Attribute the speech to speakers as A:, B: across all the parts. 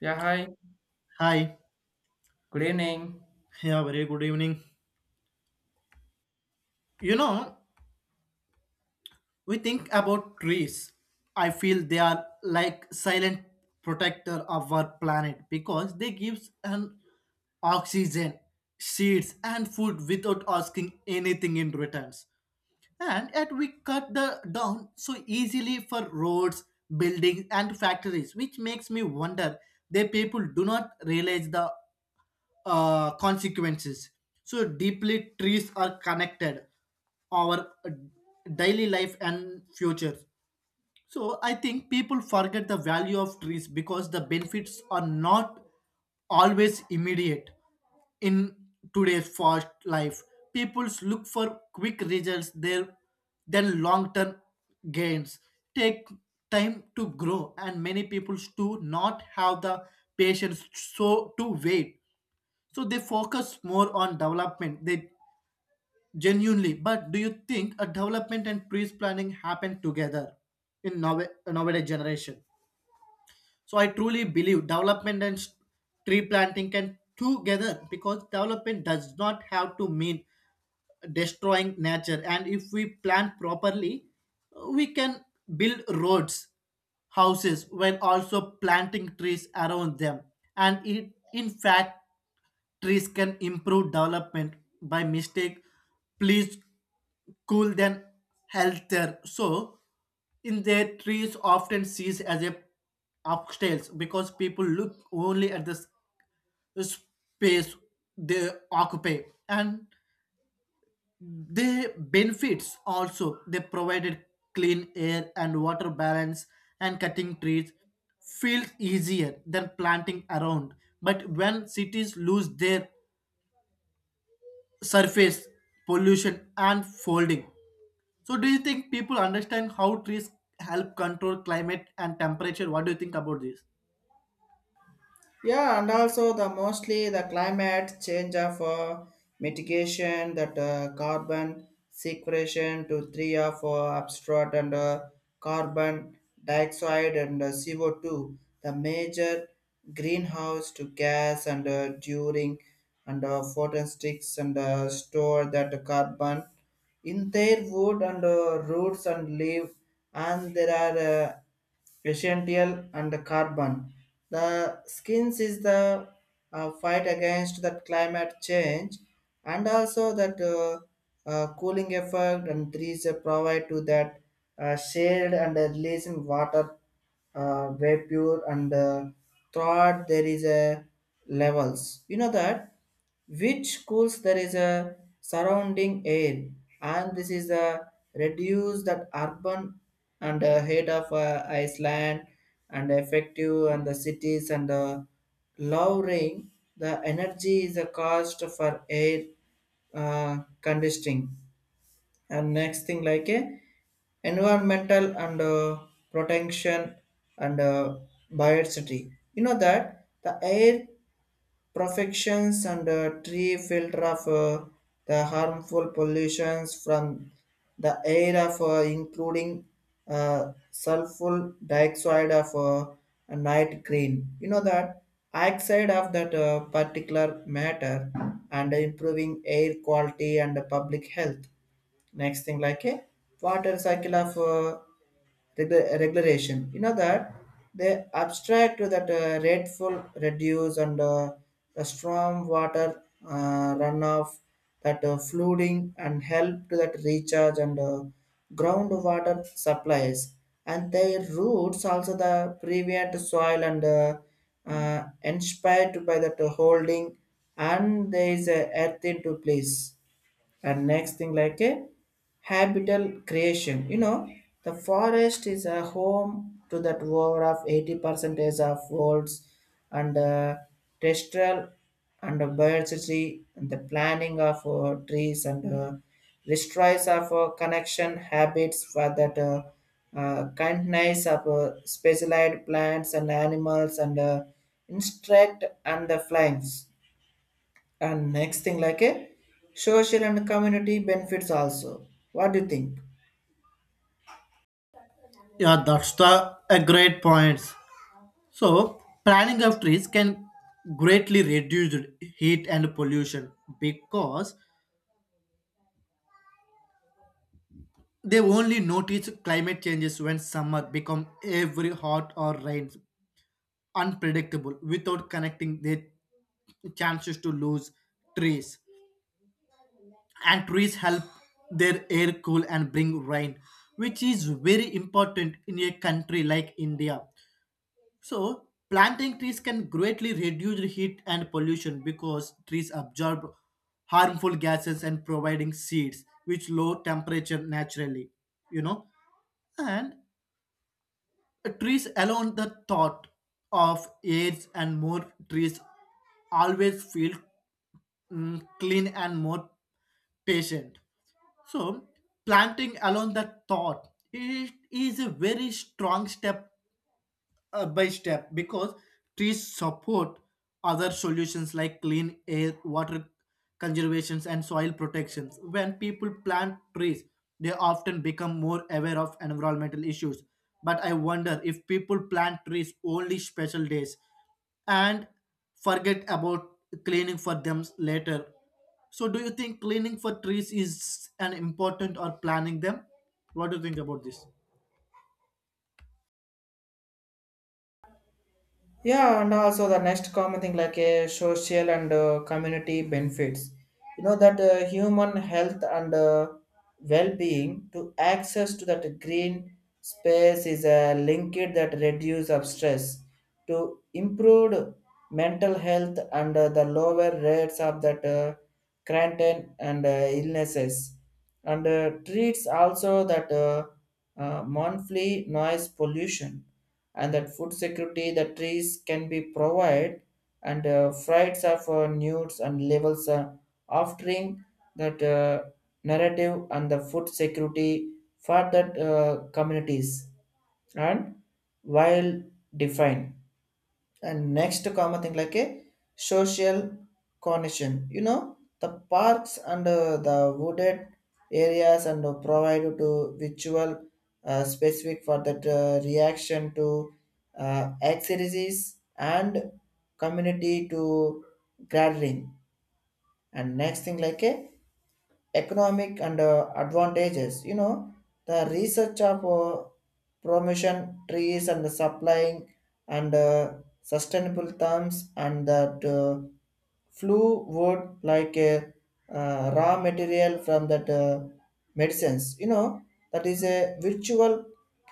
A: Yeah, hi.
B: Hi.
A: Good evening.
B: Yeah, very good evening. You know, we think about trees. I feel they are like silent protector of our planet because they gives an oxygen, seeds and food without asking anything in returns. And yet we cut the down so easily for roads, buildings and factories, which makes me wonder the people do not realize the consequences. So deeply, trees are connected our daily life and future. So I think people forget the value of trees because the benefits are not always immediate in today's fast life. People look for quick results there than long-term gains. Take time to grow and many people do not have the patience so to wait so they focus more on development. They genuinely, but do you think a development and priest planning happen together in nowadays generation? So I truly believe development and tree planting can together because development does not have to mean destroying nature, and if we plan properly we can build roads houses when also planting trees around them, and it, in fact, trees can improve development by mistake please cool than healthier so in their trees often sees as a upstairs because people look only at the space they occupy and the benefits also they provided clean air and water balance and cutting trees feels easier than planting around, but when cities lose their surface pollution and folding. So do you think people understand how trees help control climate and temperature? What do you think about this?
A: Yeah, and also the mostly the climate change of mitigation that carbon sequestration to three of abstract and carbon dioxide and CO2, the major greenhouse to gas and during and photosticks and store that carbon in their wood and roots and leaf and there are essential and the carbon the skins is the fight against that climate change and also that cooling effect and trees provide to that shade and releasing water vapor and throughout there is a levels you know that which cools there is a surrounding air and this is a reduce that urban and head of iceland and effective and the cities and the lowering the energy is a cost for air conditioning and next thing like a environmental and protection and biodiversity you know that the air perfections and a tree filter of the harmful pollutions from the air of including sulfur dioxide of a night green. You know that oxide of that particular matter and improving air quality and public health. Next thing like a water cycle of regulation. You know that they abstract to that rateful reduce and the storm water runoff, that flooding and help to that recharge and groundwater supplies. And their roots also the prevent soil and inspired by that holding and there is a earth into place and next thing like a habitat creation, you know the forest is a home to that over of 80 percentage of worlds and terrestrial and biodiversity and the planning of trees and destroys of connection habits for that kindness of specialized plants and animals and insect and the flies and next thing like a social and community benefits also. What do you think?
B: Yeah, that's the a great point. So, planting of trees can greatly reduce heat and pollution because they only notice climate changes when summer become every hot or rains unpredictable without connecting their chances to lose trees. And trees help their air cool and bring rain, which is very important in a country like India. So planting trees can greatly reduce heat and pollution because trees absorb harmful gases and providing seeds which low temperature naturally, you know. And trees alone, the thought of AIDS and more trees always feel clean and more patient. So, planting alone the thought it is a very strong step by step because trees support other solutions like clean air, water conservations, and soil protections. When people plant trees, they often become more aware of environmental issues. But I wonder if people plant trees only special days and forget about cleaning for them later. So, do you think cleaning for trees is an important or planning them? What do you think about this?
A: Yeah, and also the next common thing like a social and community benefits. You know that human health and well-being to access to that green space is a linkage that reduce of stress to improve mental health and the lower rates of that quarantine and illnesses and treats also that monthly noise pollution and that food security the trees can be provide and frights of nudes and levels offering that narrative and the food security for that communities and while defined and next to common thing like a social connection, you know the parks and the wooded areas and provide to visual, specific for that reaction to exercises and community to gathering and next thing like a economic and advantages, you know the research of promotion trees and the supplying and sustainable terms and that flew wood like a raw material from that medicines, you know that is a virtual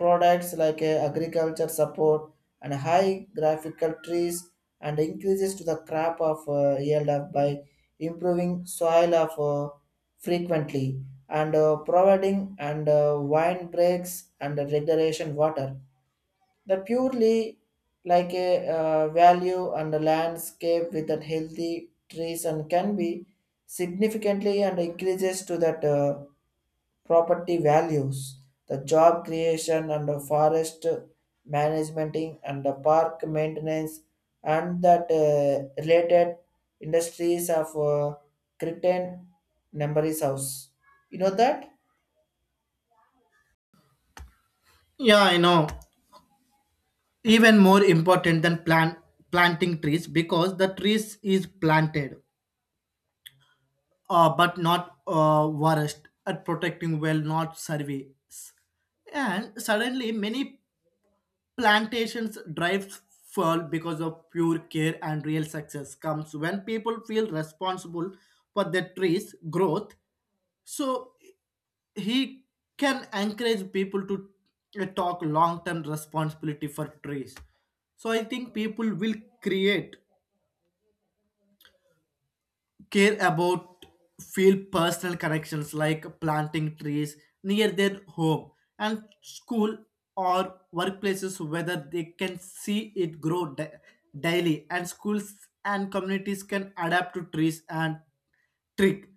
A: products like a agriculture support and high graphical trees and increases to the crop of yield of by improving soil of frequently and providing and wine breaks and the regulation water the purely like a value and the landscape with that healthy trees and can be significantly and increases to that property values, the job creation and the forest management and the park maintenance and that related industries of Cretan Numberis House. You know that?
B: Yeah, I know. Even more important than planting trees because the trees is planted but not forest at protecting well not surveys, and suddenly many plantations drives fall because of pure care, and real success comes when people feel responsible for their trees growth. So he can encourage people to talk long term responsibility for trees. So I think people will create care about feel personal connections like planting trees near their home and school or workplaces whether they can see it grow daily, and schools and communities can adapt to trees and trick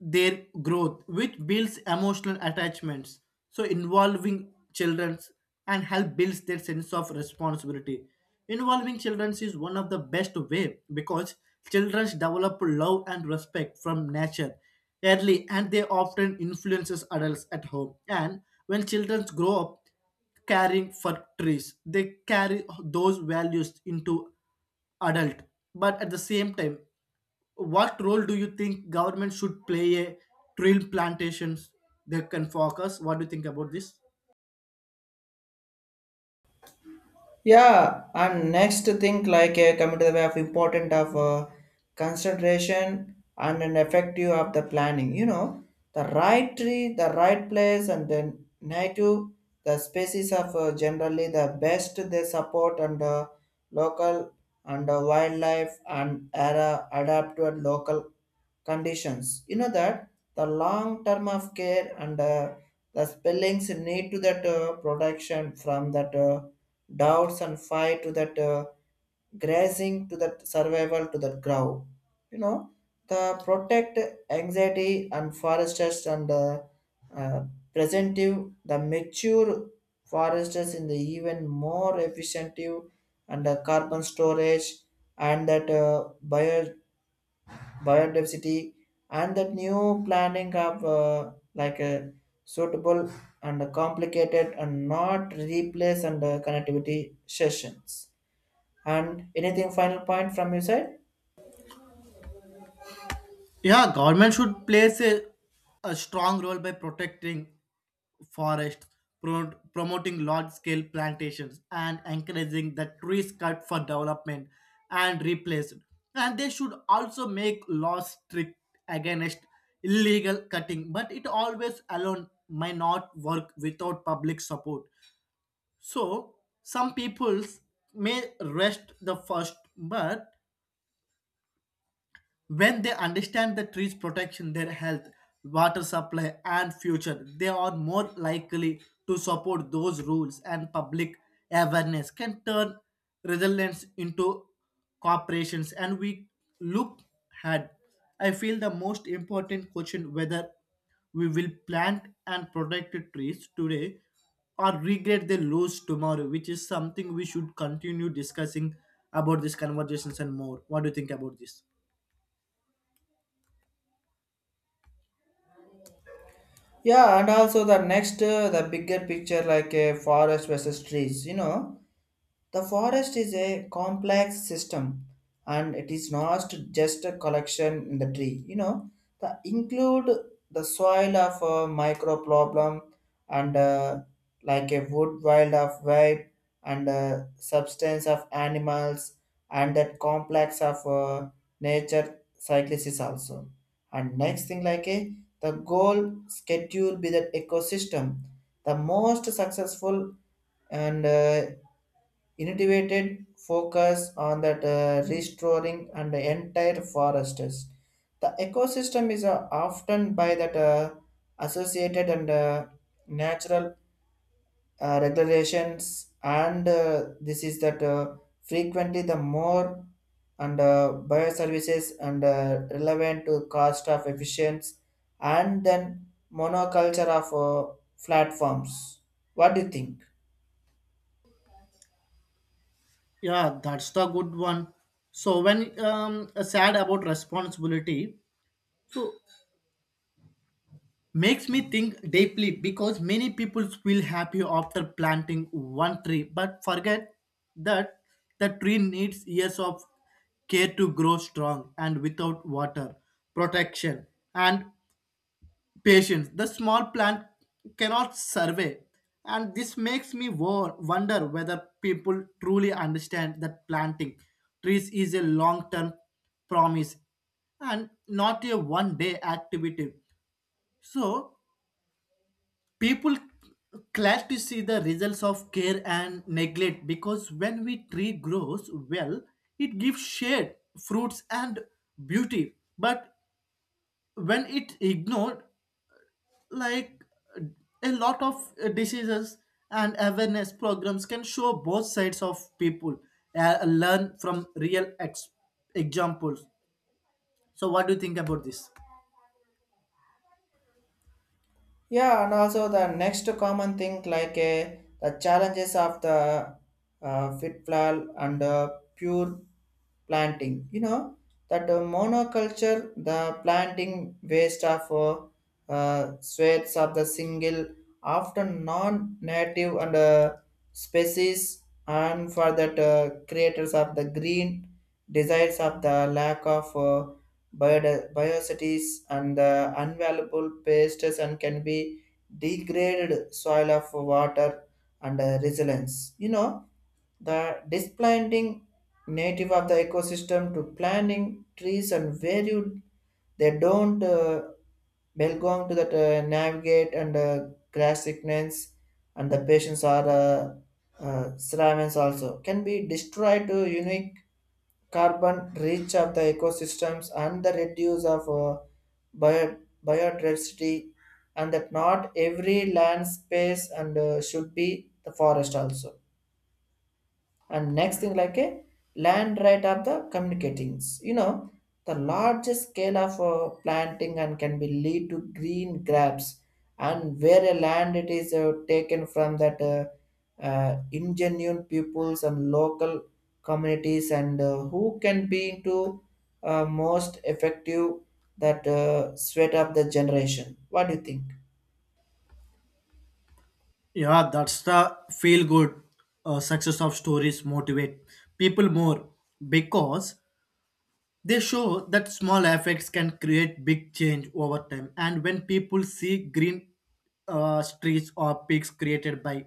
B: their growth, which builds emotional attachments. So involving children and help builds their sense of responsibility. Involving children is one of the best way because children develop love and respect from nature early and they often influences adults at home. And when children grow up caring for trees, they carry those values into adult, but at the same time what role do you think government should play a tree plantations they can focus? What do you think about this?
A: Yeah, and next thing like a coming to the way of important of concentration and an effective of the planning. You know, the right tree, the right place, and then native the species of generally the best they support and local and wildlife and era adapt to a local conditions, you know that the long term of care and the spellings need to that protection from that doubts and fight to that grazing to that survival to that grow, you know the protect anxiety and foresters and uh, presentive the mature foresters in the even more efficient and carbon storage and that biodiversity and that new planning of like a suitable and complicated and not replace and connectivity sessions and anything final point from your side?
B: Yeah, government should play a strong role by protecting forests, promoting large scale plantations and encouraging the trees cut for development and replaced, and they should also make laws strict against illegal cutting, but it always alone may not work without public support. So some peoples may rest the first, but when they understand the trees protection their health water supply and future they are more likely to support those rules, and public awareness can turn resilience into corporations. And we look ahead, I feel the most important question whether we will plant and protect trees today or regret the loss tomorrow, which is something we should continue discussing about these conversations and more. What do you think about this?
A: Yeah, and also the next the bigger picture like a forest versus trees. You know the forest is a complex system and it is not just a collection in the tree. You know, the include the soil of a micro problem and like a wood wild of vibe and substance of animals and that complex of nature cyclists also. And next thing like a the goal schedule be that ecosystem the most successful and innovated focus on that restoring and the entire forests. The ecosystem is often by that associated and natural regulations, and this is that frequently the more and bioservices and relevant to cost of efficiency and then monoculture of platforms. What do you think?
B: Yeah, that's the good one. So when sad about responsibility, so makes me think deeply because many people feel happy after planting one tree, but forget that the tree needs years of care to grow strong, and without water, protection and patience the small plant cannot survey. And this makes me wonder whether people truly understand that planting trees is a long term promise and not a one day activity. So people glad to see the results of care and neglect because when we tree grows well it gives shade fruits and beauty, but when it ignored like a lot of diseases and awareness programs can show both sides of people learn from real examples. So what do you think about this?
A: Yeah, and also the next common thing like the challenges of the fit flower and pure planting. You know that monoculture, the planting waste of swaths of the single, often non-native and species, and for that creators of the green desires of the lack of biocities and the unvaluable pests and can be degraded soil of water and resilience. You know, the displanting native of the ecosystem to planting trees and where you they don't belong to that navigate and grass sickness and the patients are ceramics also can be destroyed to unique carbon reach of the ecosystems and the reduce of bio- biodiversity and that not every land space and should be the forest also and next thing like a land right of the communicatings, you know the largest scale of planting and can be lead to green grabs and where a land it is taken from that ingenuine peoples and local communities and who can be into most effective that sweat of the generation. What do you think?
B: Yeah, that's the feel good success of stories motivate people more because they show that small effects can create big change over time. And when people see green streets or peaks created by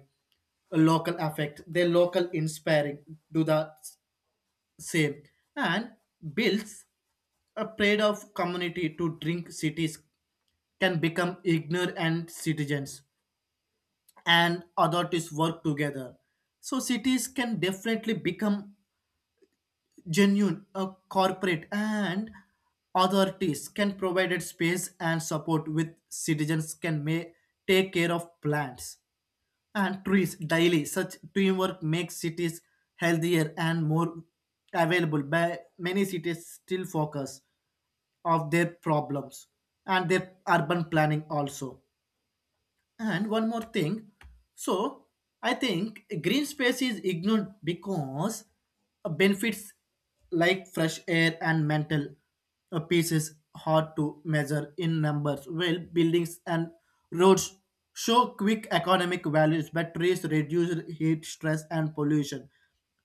B: a local effect, their local inspiring do the same and builds a pride of community to drink cities can become ignorant citizens and authorities work together. So cities can definitely become genuine corporate and authorities can provide space and support with citizens can may take care of plants and trees daily. Such teamwork makes cities healthier and more available by many cities still focus of their problems and their urban planning also. And one more thing. So I think green space is ignored because benefits like fresh air and mental peace is hard to measure in numbers. Well, buildings and roads show quick economic values, but trees reduce heat, stress, and pollution,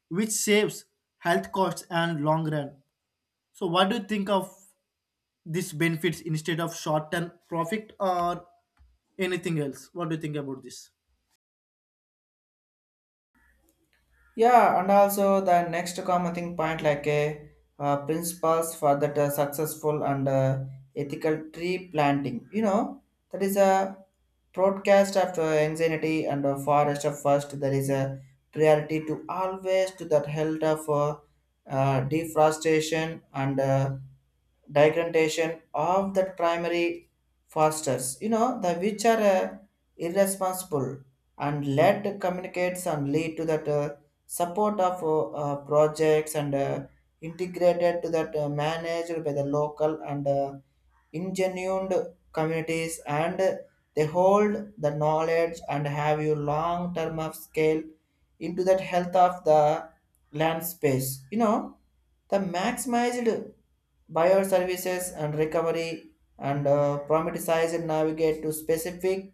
B: which saves health costs and long run. So what do you think of this benefits instead of short-term profit or anything else? What do you think about this?
A: Yeah, and also the next common thing point like a principles for that successful and ethical tree planting. You know that is a broadcast of anxiety and forest of first. There is a priority to always to that health of deforestation and degradation of the primary fosters. You know the which are irresponsible and let communicates and lead to that. Support of projects and integrated to that managed by the local and ingenuine communities and they hold the knowledge and have you long term of scale into that health of the land space, you know the maximized buyer services and recovery and promethesize and navigate to specific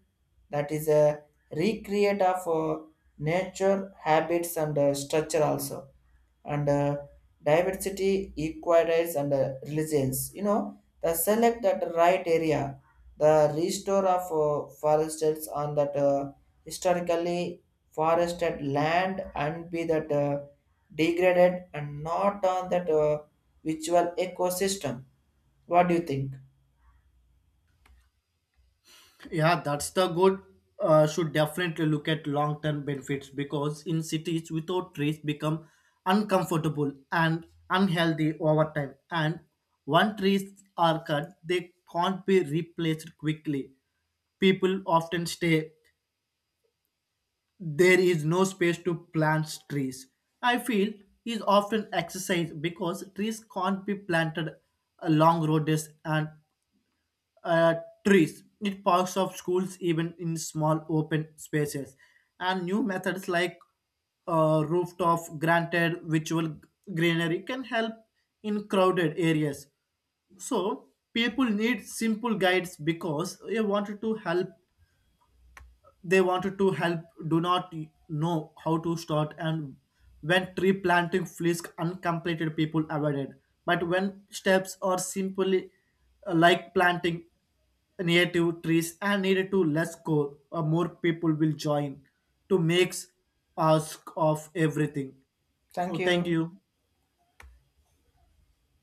A: that is a recreate of nature habits and structure also and diversity equities and resilience, you know the select that right area the restore of foresters on that historically forested land and be that degraded and not on that virtual ecosystem. What do you think?
B: Yeah, that's the good. Should definitely look at long-term benefits because in cities without trees become uncomfortable and unhealthy over time, and when trees are cut they can't be replaced quickly people often stay there is no space to plant trees. I feel is often exercised because trees can't be planted along roads and uh, trees in parks of schools, even in small open spaces. And new methods like rooftop granted virtual greenery can help in crowded areas. So people need simple guides because they wanted to help they wanted to help do not know how to start, and when tree planting feels uncompleted people avoided, but when steps are simply like planting native trees and needed to less go or more people will join to make ask of everything.
A: Thank
B: So thank
A: you.
B: you.